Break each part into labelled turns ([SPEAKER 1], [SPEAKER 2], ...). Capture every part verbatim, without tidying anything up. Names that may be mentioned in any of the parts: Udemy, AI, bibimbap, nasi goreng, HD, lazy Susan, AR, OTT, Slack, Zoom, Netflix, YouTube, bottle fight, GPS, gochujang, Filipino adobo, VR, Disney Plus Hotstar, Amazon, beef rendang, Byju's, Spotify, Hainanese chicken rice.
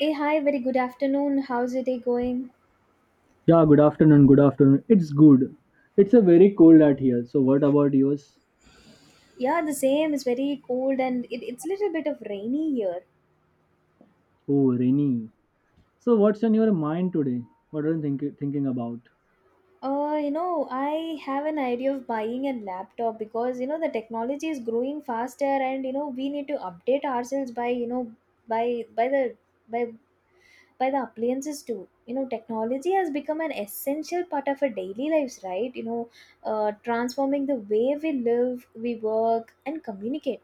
[SPEAKER 1] Hey, hi, very good afternoon. How's your day going?
[SPEAKER 2] Yeah, good afternoon. Good afternoon. It's good. It's a very cold out here. So what about yours?
[SPEAKER 1] Yeah, the same. It's very cold and it, it's a little bit of rainy here.
[SPEAKER 2] Oh, rainy. So what's on your mind today? What are you think- thinking about?
[SPEAKER 1] Uh, you know, I have an idea of buying a laptop because, you know, the technology is growing faster and, you know, we need to update ourselves by, you know, by by the by by the appliances too, you know. Technology has become an essential part of our daily lives, right? You know uh, transforming the way we live, we work and communicate,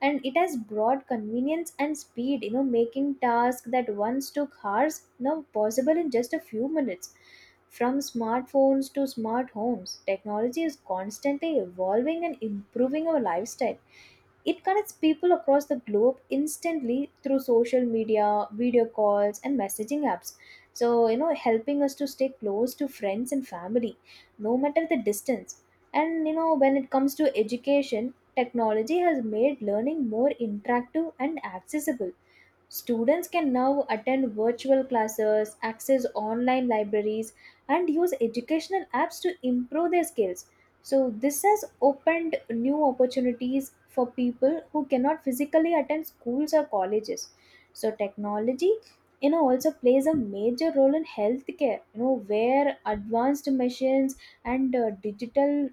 [SPEAKER 1] and it has brought convenience and speed, you know, making tasks that once took hours now possible in just a few minutes. From smartphones to smart homes, technology is constantly evolving and improving our lifestyle. It connects people across the globe instantly through social media, video calls, and messaging apps. So, you know, helping us to stay close to friends and family, no matter the distance. And, you know, when it comes to education, technology has made learning more interactive and accessible. Students can now attend virtual classes, access online libraries, and use educational apps to improve their skills. So this has opened new opportunities for people who cannot physically attend schools or colleges. So technology, you know, also plays a major role in healthcare, you know, where advanced machines and uh, digital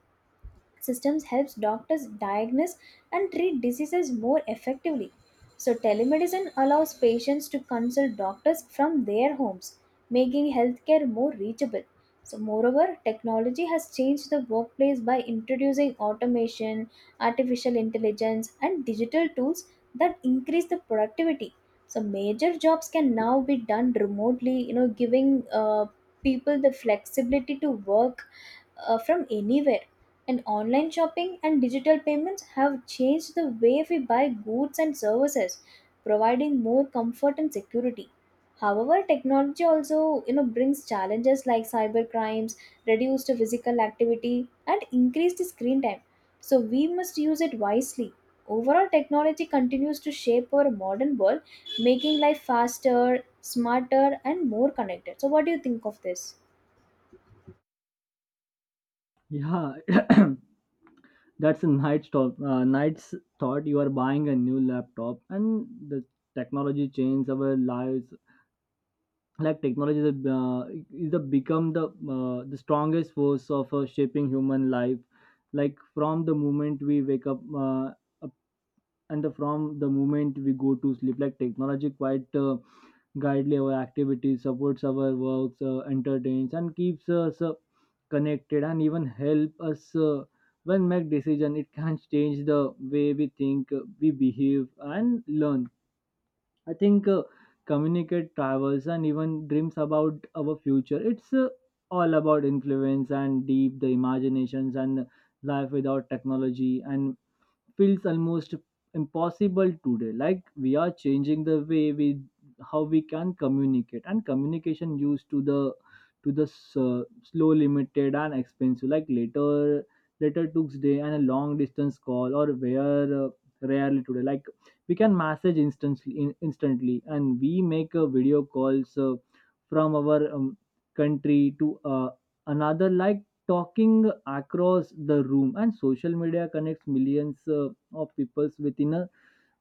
[SPEAKER 1] systems helps doctors diagnose and treat diseases more effectively. So telemedicine allows patients to consult doctors from their homes, making healthcare more reachable. So moreover, technology has changed the workplace by introducing automation, artificial intelligence and digital tools that increase the productivity. So major jobs can now be done remotely, you know, giving uh, people the flexibility to work uh, from anywhere, and online shopping and digital payments have changed the way we buy goods and services, providing more comfort and security. However, technology also, you know, brings challenges like cyber crimes, reduced physical activity, and increased screen time. So we must use it wisely. Overall, technology continues to shape our modern world, making life faster, smarter, and more connected. So, what do you think of this?
[SPEAKER 2] Yeah, that's a night thought. Uh, night's thought. You are buying a new laptop, and the technology changes our lives. Like technology is a, uh, is a become the uh, the strongest force of uh, shaping human life, like from the moment we wake up uh, up and the- from the moment we go to sleep. Like technology quite uh, guidely our activities, supports our works, uh, entertains, and keeps us uh, connected, and even help us uh, when make decision. It can change the way we think, uh, we behave, and learn. I think, uh, communicate, travels, and even dreams about our future. It's uh, all about influence and deep the imaginations, and life without technology and feels almost impossible today. Like we are changing the way we how we can communicate, and communication used to the to the s- uh, slow, limited, and expensive, like later later took day and a long distance call or where uh, rarely today. Like we can message instantly in, instantly, and we make a video calls uh, from our um, country to uh, another, like talking across the room. And social media connects millions uh, of people within a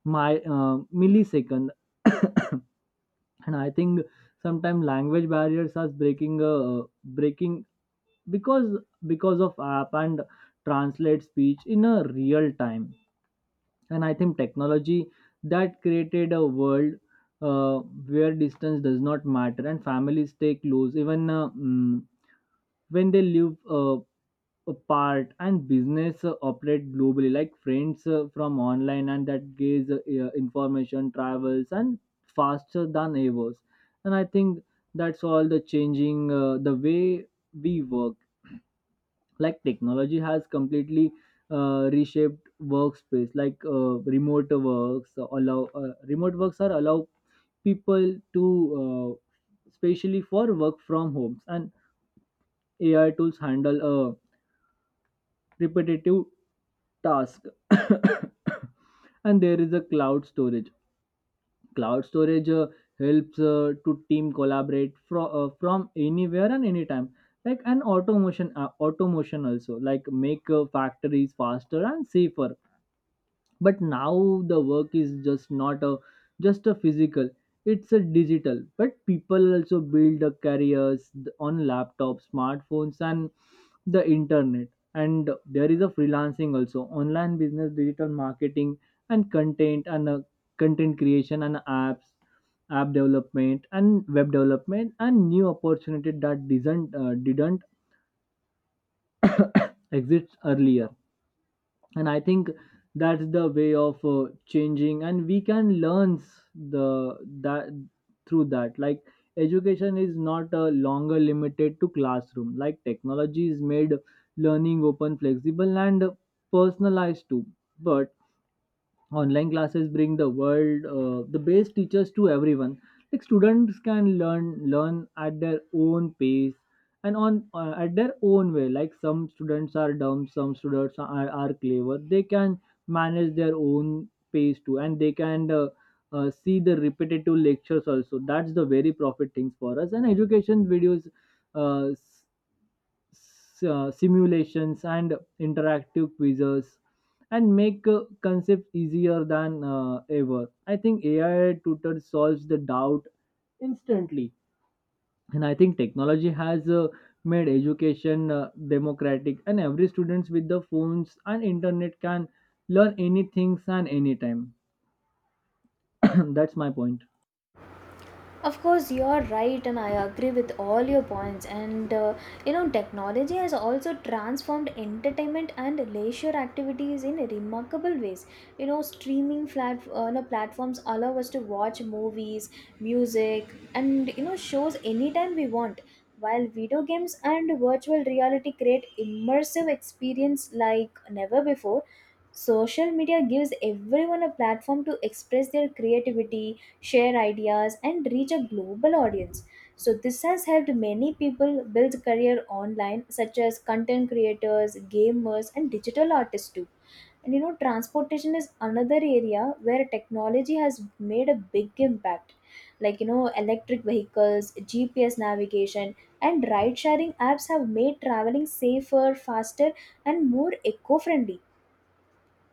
[SPEAKER 2] my uh, millisecond. And I think sometimes language barriers are breaking uh, breaking because because of app and translate speech in a real time. And I think technology that created a world uh, where distance does not matter, and families stay close even, uh, mm, when they live uh, apart, and business uh, operate globally, like friends uh, from online. And that gives, uh, uh, information travels and faster than ever. And I think that's all the changing uh, the way we work. Like technology has completely, uh, reshaped workspace, like uh, remote works allow uh, remote works are allow people to, uh, especially for work from homes. And AI tools handle a repetitive task. And there is a cloud storage cloud storage uh, helps uh, to team collaborate from uh, from anywhere and anytime, like an automation uh, automation also, like make uh, factories faster and safer. But now the work is just not a just a physical, it's a digital. But people also build a careers th- on laptops, smartphones, and the internet. And there is a freelancing also, online business, digital marketing, and content and uh, content creation, and apps app development, and web development, and new opportunity that didn't uh, didn't exist earlier. And I think that's the way of uh, changing, and we can learn s- the that through that. Like education is not uh, longer limited to classroom. Like technology is made learning open, flexible, and personalized too, but online classes bring the world uh, the best teachers to everyone. Like students can learn learn at their own pace, and on uh, at their own way, like some students are dumb, some students are, are clever. They can manage their own pace too, and they can uh, uh, see the repetitive lectures also. That's the very profit things for us. And education videos, uh, s- uh, simulations, and interactive quizzes, and make uh, concepts easier than uh, ever. I think A I tutor solves the doubt instantly. And I think technology has uh, made education uh, democratic, and every students with the phones and internet can learn anything and anytime. That's my point.
[SPEAKER 1] Of course you're right, and I agree with all your points, and uh, you know, technology has also transformed entertainment and leisure activities in remarkable ways. You know, streaming flat, uh, no, platforms allow us to watch movies, music, and, you know, shows anytime we want, while video games and virtual reality create immersive experience like never before. Social media gives everyone a platform to express their creativity, share ideas, and reach a global audience. So this has helped many people build career online, such as content creators, gamers, and digital artists too. And you know, transportation is another area where technology has made a big impact. Like, you know, electric vehicles, G P S navigation, and ride sharing apps have made traveling safer, faster, and more eco friendly.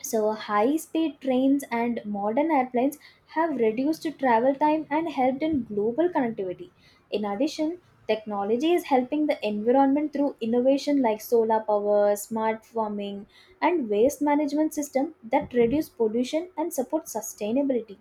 [SPEAKER 1] So high speed trains and modern airplanes have reduced travel time and helped in global connectivity. In addition, technology is helping the environment through innovation like solar power, smart farming, and waste management system that reduce pollution and support sustainability.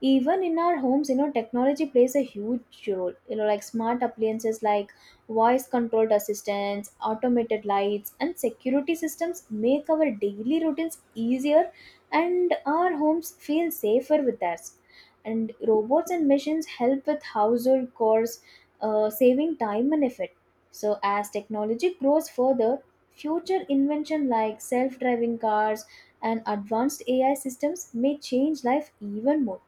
[SPEAKER 1] Even in our homes, you know, technology plays a huge role. You know, like smart appliances like voice controlled assistants, automated lights and security systems make our daily routines easier, and our homes feel safer with us. And robots and machines help with household chores, uh, saving time and effort. So as technology grows further, future invention like self-driving cars and advanced AI systems may change life even more.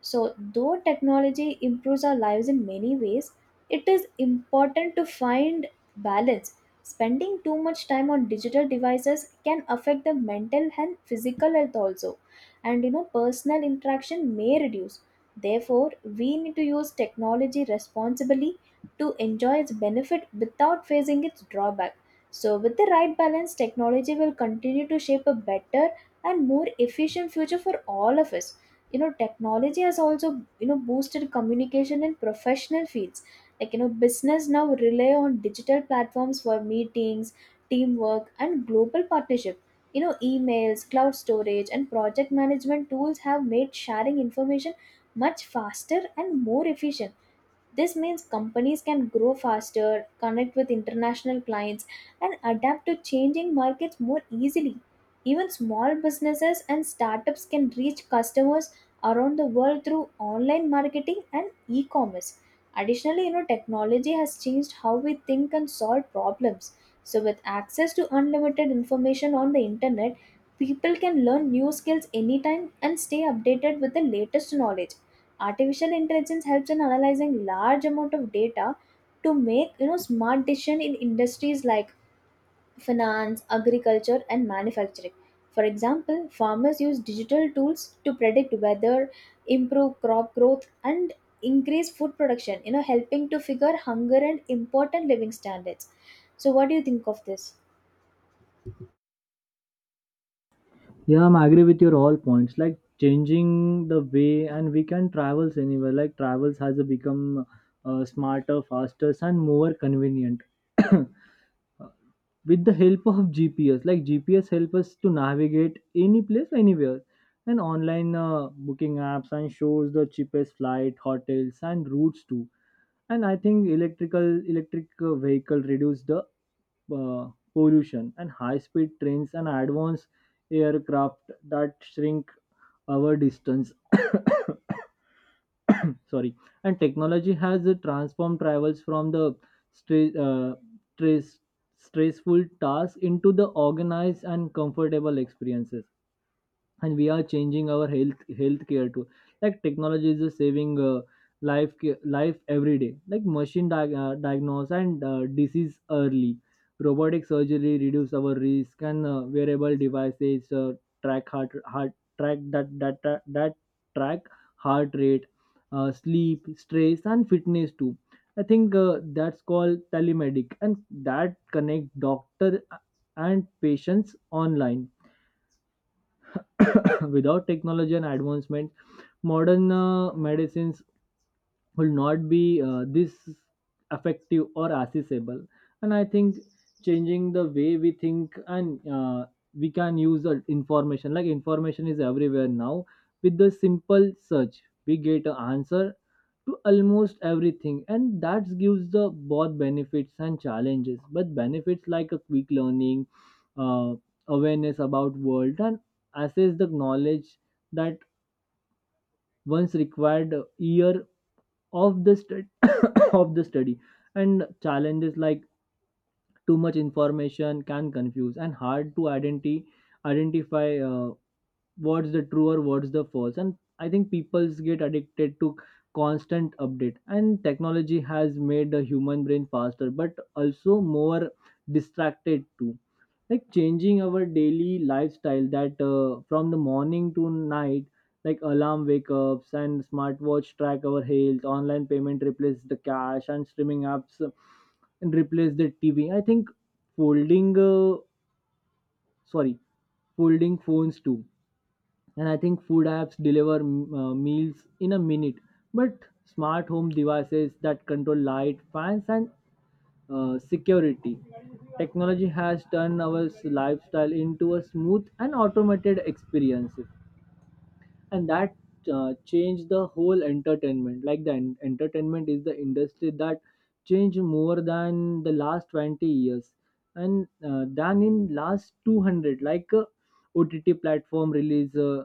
[SPEAKER 1] So, though technology improves our lives in many ways, it is important to find balance. Spending too much time on digital devices can affect the mental and physical health also, and you know, personal interaction may reduce. Therefore, we need to use technology responsibly to enjoy its benefit without facing its drawback. So, with the right balance, technology will continue to shape a better and more efficient future for all of us. You know, technology has also, you know, boosted communication in professional fields, like, you know, business now rely on digital platforms for meetings, teamwork and global partnership. You know, emails, cloud storage and project management tools have made sharing information much faster and more efficient. This means companies can grow faster, connect with international clients, and adapt to changing markets more easily. Even small businesses and startups can reach customers around the world through online marketing and e commerce. Additionally, you know, technology has changed how we think and solve problems. So, with access to unlimited information on the internet, people can learn new skills anytime and stay updated with the latest knowledge. Artificial intelligence helps in analyzing large amount of data to make, you know, smart decision in industries like finance, agriculture, and manufacturing. For example, farmers use digital tools to predict weather, improve crop growth, and increase food production. You know, helping to figure hunger and important living standards. So, what do you think of this?
[SPEAKER 2] Yeah, I'm agree with your all points. Like changing the way, and we can travels anywhere. Like travels has become, uh, smarter, faster, and more convenient. With the help of G P S, like G P S help us to navigate any place, anywhere, and online uh, booking apps and shows the cheapest flight, hotels, and routes too. And I think electrical electric uh, vehicle reduce the uh, pollution, and high speed trains and advanced aircraft that shrink our distance. Sorry. And technology has uh, transformed travels from the stre- uh, stress, stressful task into the organized and comfortable experiences. And we are changing our health healthcare too. Like technology is just saving, uh, life ca- life every day, like machine di- uh, diagnose and uh, disease early. Robotic surgery reduce our risk, and uh, wearable devices uh, track heart heart track that that that, that track heart rate, uh, sleep, stress, and fitness too. I think, uh, that's called telemedic, and that connect doctor uh, and patients online. Without technology and advancement, modern uh, medicines will not be uh, this effective or accessible. And I think changing the way we think, and uh, we can use the information, like information is everywhere now. With the simple search we get an answer to almost everything, and that gives the both benefits and challenges. But benefits like a quick learning, uh, awareness about world, and access the knowledge that once required uh, year of the stud of the study. And challenges like too much information can confuse and hard to identi- identify uh, what's the true or what's the false. And I think people's get addicted to constant update, and technology has made the human brain faster but also more distracted too. Like changing our daily lifestyle that, uh, from the morning to night, like alarm wake ups and smartwatch track our health, online payment replace the cash, and streaming apps uh, and replace the TV. I think folding uh, sorry folding phones too. And I think food apps deliver, mm, uh, meals in a minute. But smart home devices that control light, fans, and uh, security. Technology has turned our lifestyle into a smooth and automated experience, and that uh, changed the whole entertainment. Like the en- entertainment is the industry that changed more than the last twenty years, and uh, than in last two hundred. Like, uh, O T T platform release. Uh,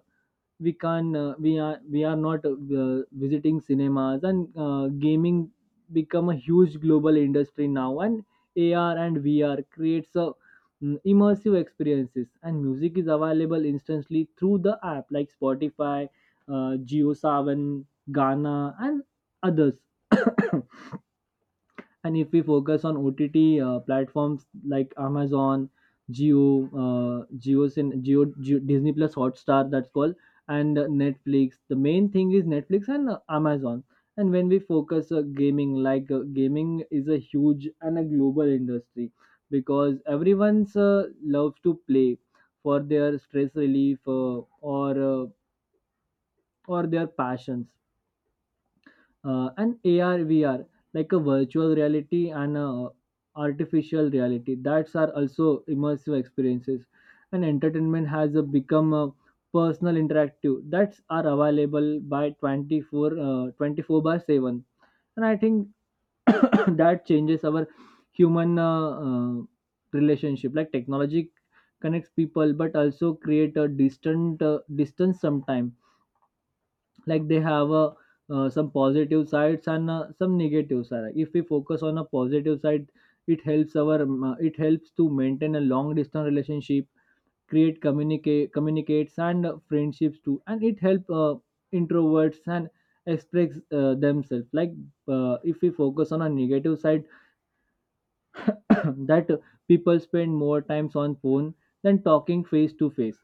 [SPEAKER 2] we can uh, we are we are not uh, visiting cinemas, and uh, gaming become a huge global industry now, and AR and VR creates a mm, immersive experiences. And music is available instantly through the app, like Spotify, uh, Geo Savan, Ghana, and others. And if we focus on O T T uh, platforms like Amazon, Geo, uh, Geo, Cin- Geo, Geo, Disney Plus Hotstar, that's called, and uh, Netflix. The main thing is Netflix and uh, Amazon. And when we focus uh, gaming, like, uh, gaming is a huge and a global industry, because everyone's uh, loves to play for their stress relief, uh, or uh, or their passions, uh, and A R V R, like a virtual reality and uh, artificial reality, that's are also immersive experiences. And entertainment has uh, become uh, personal interactive, that's are available by twenty four uh, twenty four by seven. And I think, that changes our human uh, uh, relationship. Like technology connects people but also create a distant uh, distance sometimes, like they have a uh, some positive sides, and uh, some negative side. If we focus on a positive side, it helps our um, uh, it helps to maintain a long distance relationship, create, communicate communicates, and uh, friendships too. And it help uh, introverts and express uh, themselves. Like, uh, if we focus on a negative side, that people spend more times on phone than talking face to face,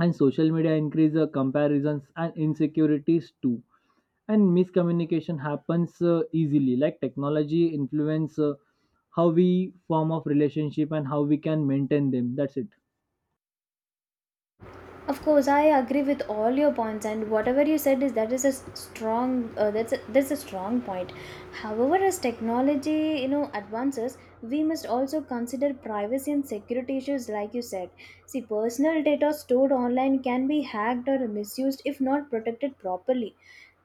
[SPEAKER 2] and social media increase, uh, comparisons and insecurities too. And miscommunication happens uh, easily, like technology influence uh, how we form of relationship and how we can maintain them. That's it.
[SPEAKER 1] Of course, I agree with all your points, and whatever you said is that is a s- strong uh, that's a, that's a strong point. However, as technology, you know, advances, we must also consider privacy and security issues, like you said. See, personal data stored online can be hacked or misused if not protected properly.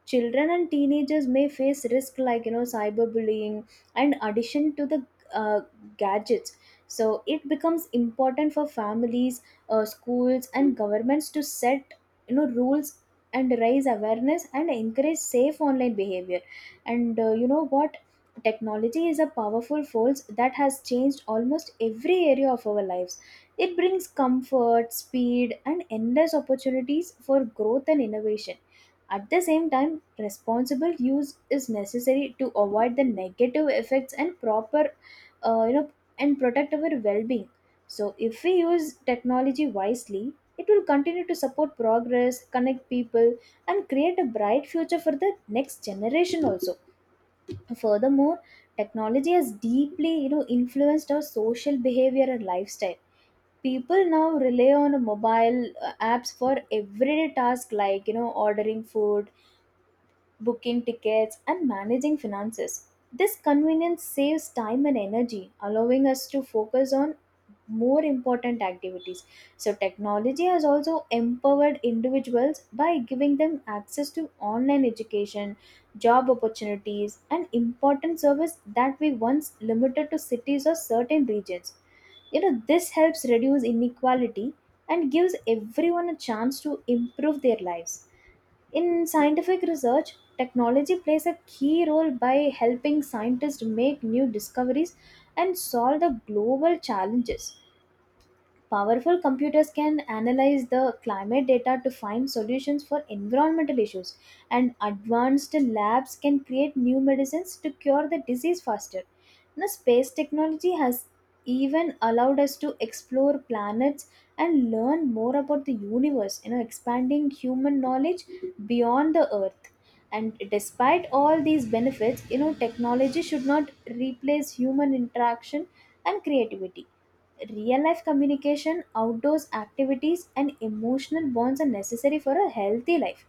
[SPEAKER 1] Children and teenagers may face risk like, you know, cyberbullying and addition to the uh, gadgets. So it becomes important for families, uh, schools and governments to set, you know, rules and raise awareness and encourage safe online behavior. And uh, you know what, technology is a powerful force that has changed almost every area of our lives. It brings comfort, speed and endless opportunities for growth and innovation. At the same time, responsible use is necessary to avoid the negative effects and proper, uh, you know, and protect our well-being. So, if we use technology wisely, it will continue to support progress, connect people, and create a bright future for the next generation also. Furthermore, technology has deeply, you know, influenced our social behavior and lifestyle. People now rely on mobile uh, apps for everyday tasks like, you know, ordering food, booking tickets, and managing finances. This convenience saves time and energy, allowing us to focus on more important activities. So, technology has also empowered individuals by giving them access to online education, job opportunities, and important service that we once limited to cities or certain regions. You know, this helps reduce inequality and gives everyone a chance to improve their lives. In scientific research, technology plays a key role by helping scientists make new discoveries and solve the global challenges. Powerful computers can analyze the climate data to find solutions for environmental issues, and advanced labs can create new medicines to cure the disease faster. Now, space technology has even allowed us to explore planets and learn more about the universe, you know, expanding human knowledge beyond the Earth. And despite all these benefits, you know, technology should not replace human interaction and creativity. Real life communication, outdoors activities, and emotional bonds are necessary for a healthy life.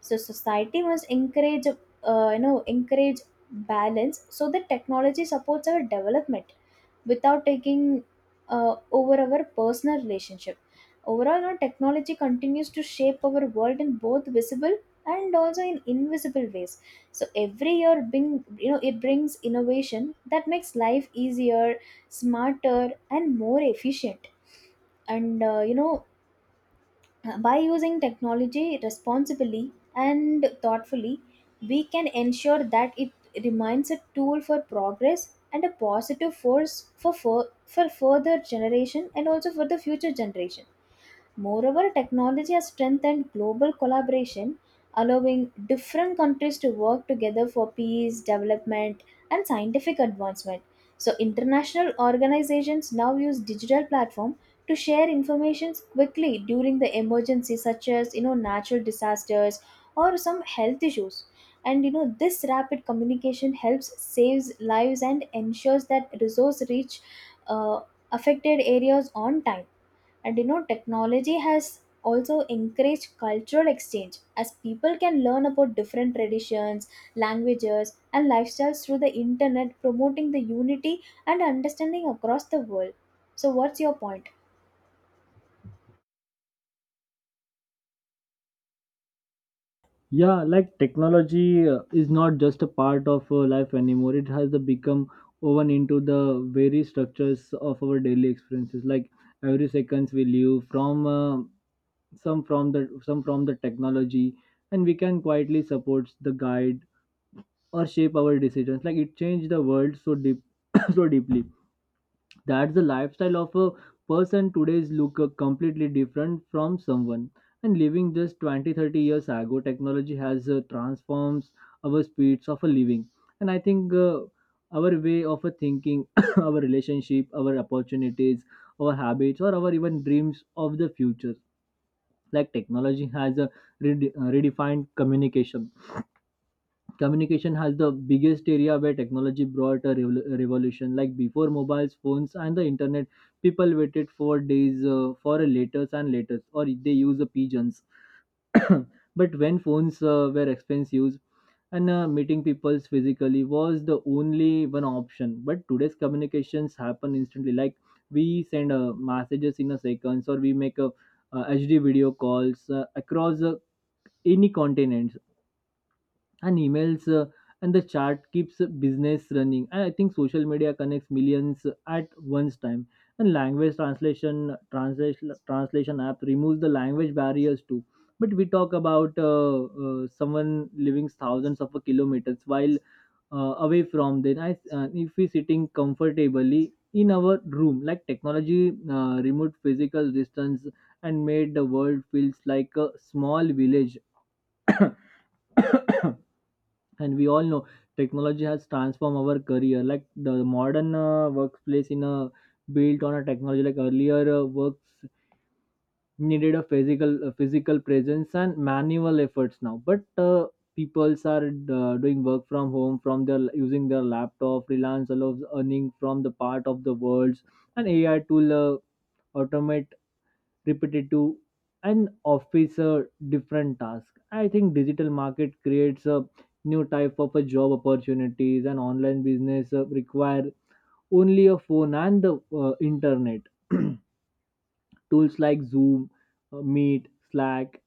[SPEAKER 1] So society must encourage, uh, you know, encourage balance so that technology supports our development without taking uh, over our personal relationship. Overall, you know, technology continues to shape our world in both visible and also in invisible ways. So every year, bring you know, it brings innovation that makes life easier, smarter, and more efficient. And uh, you know, by using technology responsibly and thoughtfully, we can ensure that it remains a tool for progress and a positive force for, for, for further generation and also for the future generation. Moreover, technology has strengthened global collaboration, allowing different countries to work together for peace, development, and scientific advancement. So, international organizations now use digital platform to share information quickly during the emergencies such as, you know, natural disasters or some health issues. And you know, this rapid communication helps saves lives and ensures that resource reach uh, affected areas on time. And you know, technology has also encouraged cultural exchange as people can learn about different traditions, languages and lifestyles through the internet, promoting the unity and understanding across the world. So what's your point?
[SPEAKER 2] Yeah, like technology uh, is not just a part of uh, life anymore. It has become woven into the very structures of our daily experiences, like every seconds we live from uh, some from the some from the technology, and we can quietly support the guide or shape our decisions. Like it changed the world so deep so deeply, that's the lifestyle of a person today's look uh, completely different from someone and living just twenty, thirty years ago. Technology has uh, transforms our speeds of a living. And I think, uh, our way of a thinking, our relationship, our opportunities, our habits, or our even dreams of the future, like technology has a rede- uh, redefined communication. Communication has the biggest area where technology brought a revol- a revolution, like before mobiles phones and the internet, people waited for days, uh, for a letters and letters or they use the pigeons. But when phones uh, were expensive and, uh, meeting people physically was the only one option. But today's communications happen instantly, like we send uh, messages in a seconds, or we make a uh, HD video calls uh, across uh, any continent, and emails uh, and the chart keeps business running. And I think social media connects millions at once time, and language translation translation translation app removes the language barriers too. But we talk about uh, uh, Someone living thousands of kilometers while uh, away from then I, uh, if we sitting comfortably in our room, like technology uh, removed physical distance and made the world feels like a small village. And we all know technology has transformed our career, like the modern uh, workplace in a built on a technology. Like earlier uh, works needed a physical a physical presence and manual efforts now, but uh, peoples are uh, doing work from home, from their using their laptop. Freelance allows earning from the part of the world, and AI tool uh, automate repetitive and office a different task. I think digital market creates a new type of a job opportunities, and online business uh, require only a phone and the uh, internet. Tools like Zoom, uh, Meet, Slack,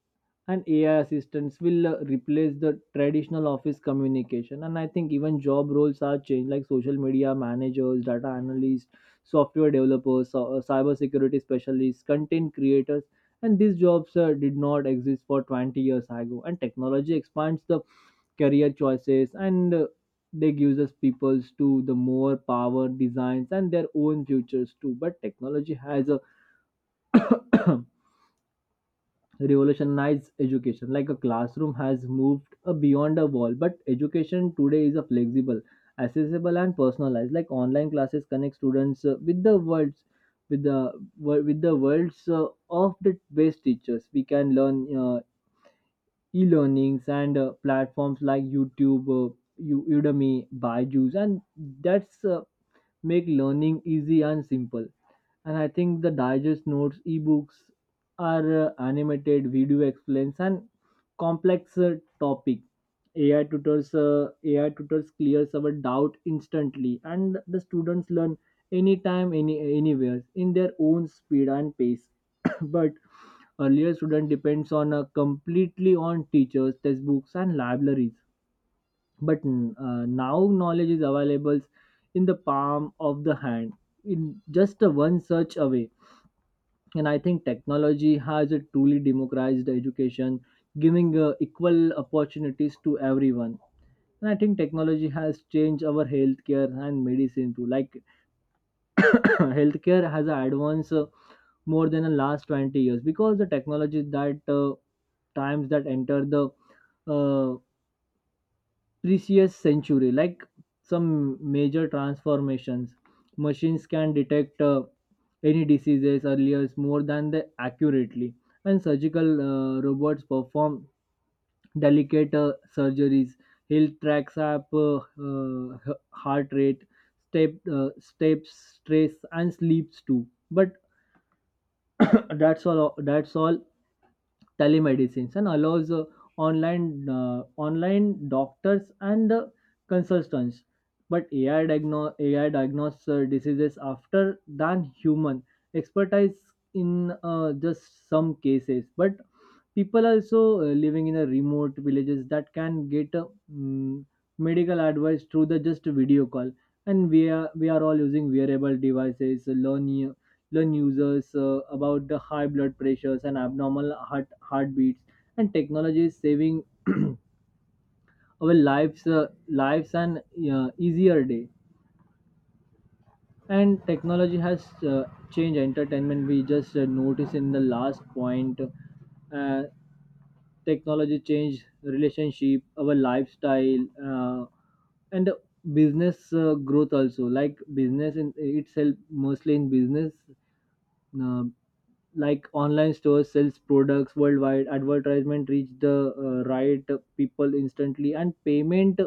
[SPEAKER 2] and A I assistants will uh, replace the traditional office communication. And I think even job roles are changed, like social media managers, data analysts, software developers, so- uh, cybersecurity specialists, content creators. And these jobs uh, did not exist for twenty years ago. And technology expands the career choices, and uh, they gives us peoples to the more power designs and their own futures too. But technology has a revolutionize education. Like a classroom has moved uh, beyond a wall, but education today is a flexible, accessible, and personalized. Like online classes connect students uh, with the worlds, with the wor- with the worlds uh, of the best teachers. We can learn uh, e-learnings and uh, platforms like YouTube, uh, U- Udemy, Byju's, and that's uh, make learning easy and simple. And I think the digest notes, ebooks, are uh, animated video explains and complex uh, topic. A I tutors, uh, A I tutors clears our doubt instantly, and the students learn anytime, any anywhere in their own speed and pace. But earlier student depends on uh, completely on teachers, textbooks, and libraries, but mm, uh, now knowledge is available in the palm of the hand, in just a one search away. And I think technology has a truly democratized education, giving uh, equal opportunities to everyone. And I think technology has changed our healthcare and medicine too. Like healthcare has advanced uh, more than the last twenty years, because the technology that uh, times that enter the uh, previous century, like some major transformations. Machines can detect uh, any diseases earlier more than they accurately, and surgical uh, robots perform delicate uh, surgeries. He tracks up uh, uh, h- heart rate, step uh, steps, stress and sleeps too. But that's all that's all, telemedicine and allows uh, online uh, online doctors and uh, consultants. But ai diagno- ai diagnose uh, diseases after than human expertise in uh, just some cases. But people also uh, living in a remote villages that can get uh, mm, medical advice through the just video call. And we are we are all using wearable devices learn u- learn users uh, about the high blood pressures and abnormal heart heartbeats. And technology is saving our lives uh, lives and uh, easier day. And technology has uh, changed entertainment, we just uh, noticed in the last point. uh, Technology changed relationship, our lifestyle uh, and business uh, growth also, like business in itself, mostly in business. uh, like online stores sells products worldwide, advertisement reach the uh, right people instantly, and payment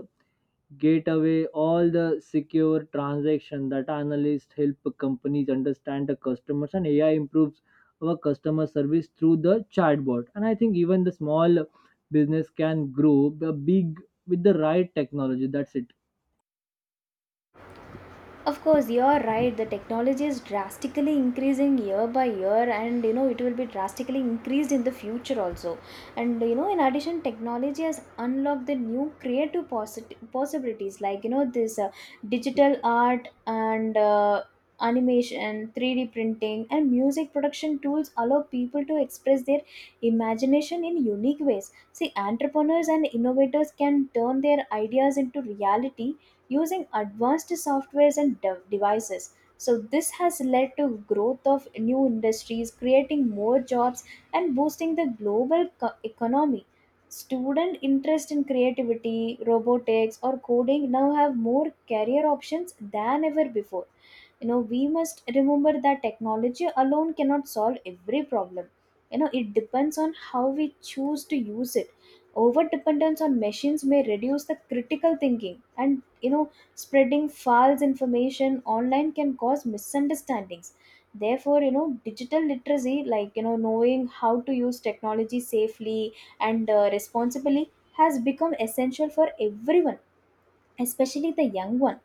[SPEAKER 2] get away all the secure transaction. That analysts help companies understand the customers, and AI improves our customer service through the chatbot. And I think even the small business can grow the big with the right technology. That's it.
[SPEAKER 1] Of course, you're right. The technology is drastically increasing year by year, and you know it will be drastically increased in the future also. And you know, in addition, technology has unlocked the new creative possi- possibilities like, you know, this uh, digital art and uh, animation, three D printing, and music production tools allow people to express their imagination in unique ways. See, entrepreneurs and innovators can turn their ideas into reality using advanced softwares and de- devices. So, this has led to growth of new industries, creating more jobs and boosting the global co- economy. Student interest in creativity, robotics, or coding now have more career options than ever before. You know, we must remember that technology alone cannot solve every problem. You know, it depends on how we choose to use it. Over dependence on machines may reduce the critical thinking, and you know spreading false information online can cause misunderstandings. Therefore, you know, digital literacy, like, you know, knowing how to use technology safely and uh, responsibly has become essential for everyone, especially the young one.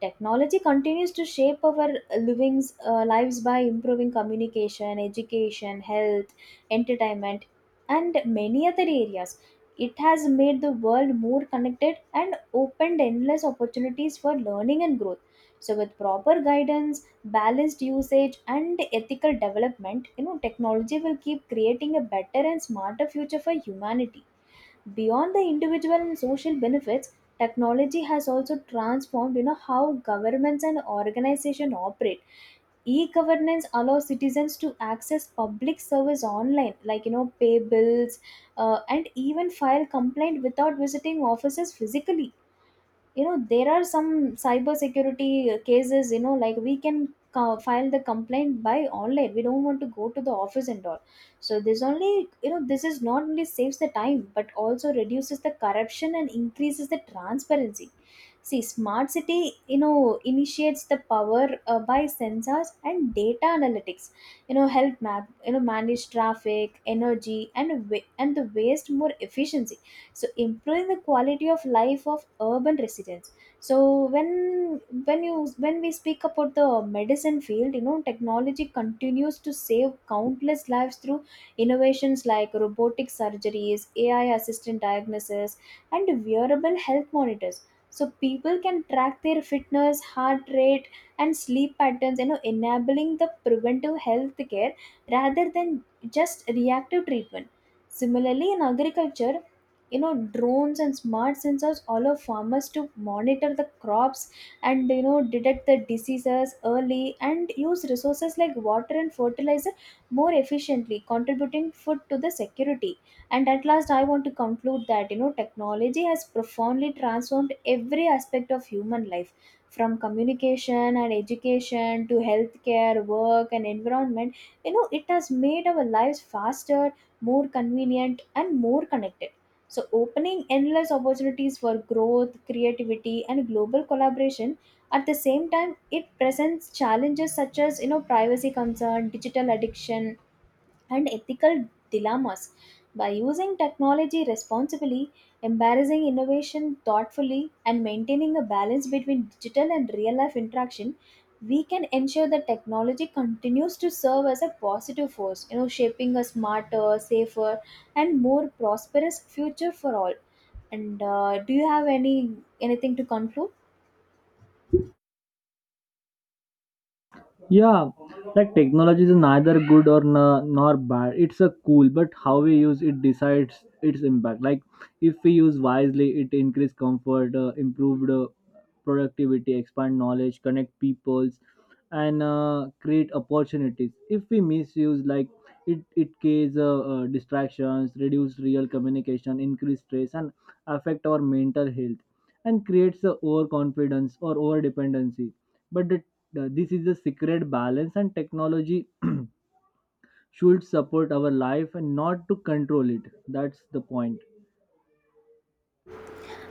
[SPEAKER 1] Technology continues to shape our livings uh, lives by improving communication, education, health, entertainment, and many other areas. It has made the world more connected and opened endless opportunities for learning and growth. So with proper guidance, balanced usage and ethical development, you know, technology will keep creating a better and smarter future for humanity. Beyond the individual and social benefits, technology has also transformed, you know, how governments and organizations operate. E-governance allows citizens to access public service online, like, you know, pay bills, uh, and even file complaint without visiting offices physically. You know, there are some cyber security uh, cases, you know, like we can co- file the complaint by online. We don't want to go to the office and all. So this only, you know, this is not only saves the time but also reduces the corruption and increases the transparency. See, smart city, you know, initiates the power uh, by sensors and data analytics, you know, help map you know, manage traffic, energy and wa- and the waste more efficiency, so improving the quality of life of urban residents. So when when you when we speak about the medicine field, you know, technology continues to save countless lives through innovations like robotic surgeries, AI assistant diagnosis, and wearable health monitors. So people can track their fitness, heart rate and sleep patterns, you know, enabling the preventive health care rather than just reactive treatment. Similarly, in agriculture, you know, drones and smart sensors allow farmers to monitor the crops, and you know, detect the diseases early and use resources like water and fertilizer more efficiently, contributing food to the security. And at last, I want to conclude that, you know, technology has profoundly transformed every aspect of human life, from communication and education to healthcare, work and environment. You know, it has made our lives faster, more convenient and more connected, so opening endless opportunities for growth, creativity, and global collaboration. At the same time, it presents challenges such as, you know, privacy concern, digital addiction, and ethical dilemmas. By using technology responsibly, embracing innovation thoughtfully, and maintaining a balance between digital and real life interaction, we can ensure that technology continues to serve as a positive force, you know, shaping a smarter, safer, and more prosperous future for all. And uh, do you have any anything to conclude?
[SPEAKER 2] Yeah, like technology is neither good or na- nor bad. It's a cool, but how we use it decides its impact. Like if we use wisely, it increase comfort, uh, improved uh, productivity, expand knowledge, connect peoples, and uh, create opportunities. If we misuse, like it it causes uh, uh, distractions, reduce real communication, increase stress, and affect our mental health, and creates a overconfidence or over dependency. But the the- this is the secret balance, and technology should support our life and not to control it. That's the point.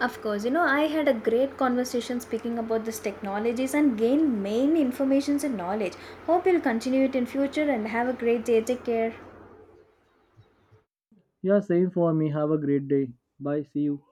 [SPEAKER 1] Of course, you know, I had a great conversation speaking about these technologies and gained main informations and knowledge. Hope you'll continue it in future and have a great day. Take care.
[SPEAKER 2] Yeah, same for me. Have a great day. Bye. See you.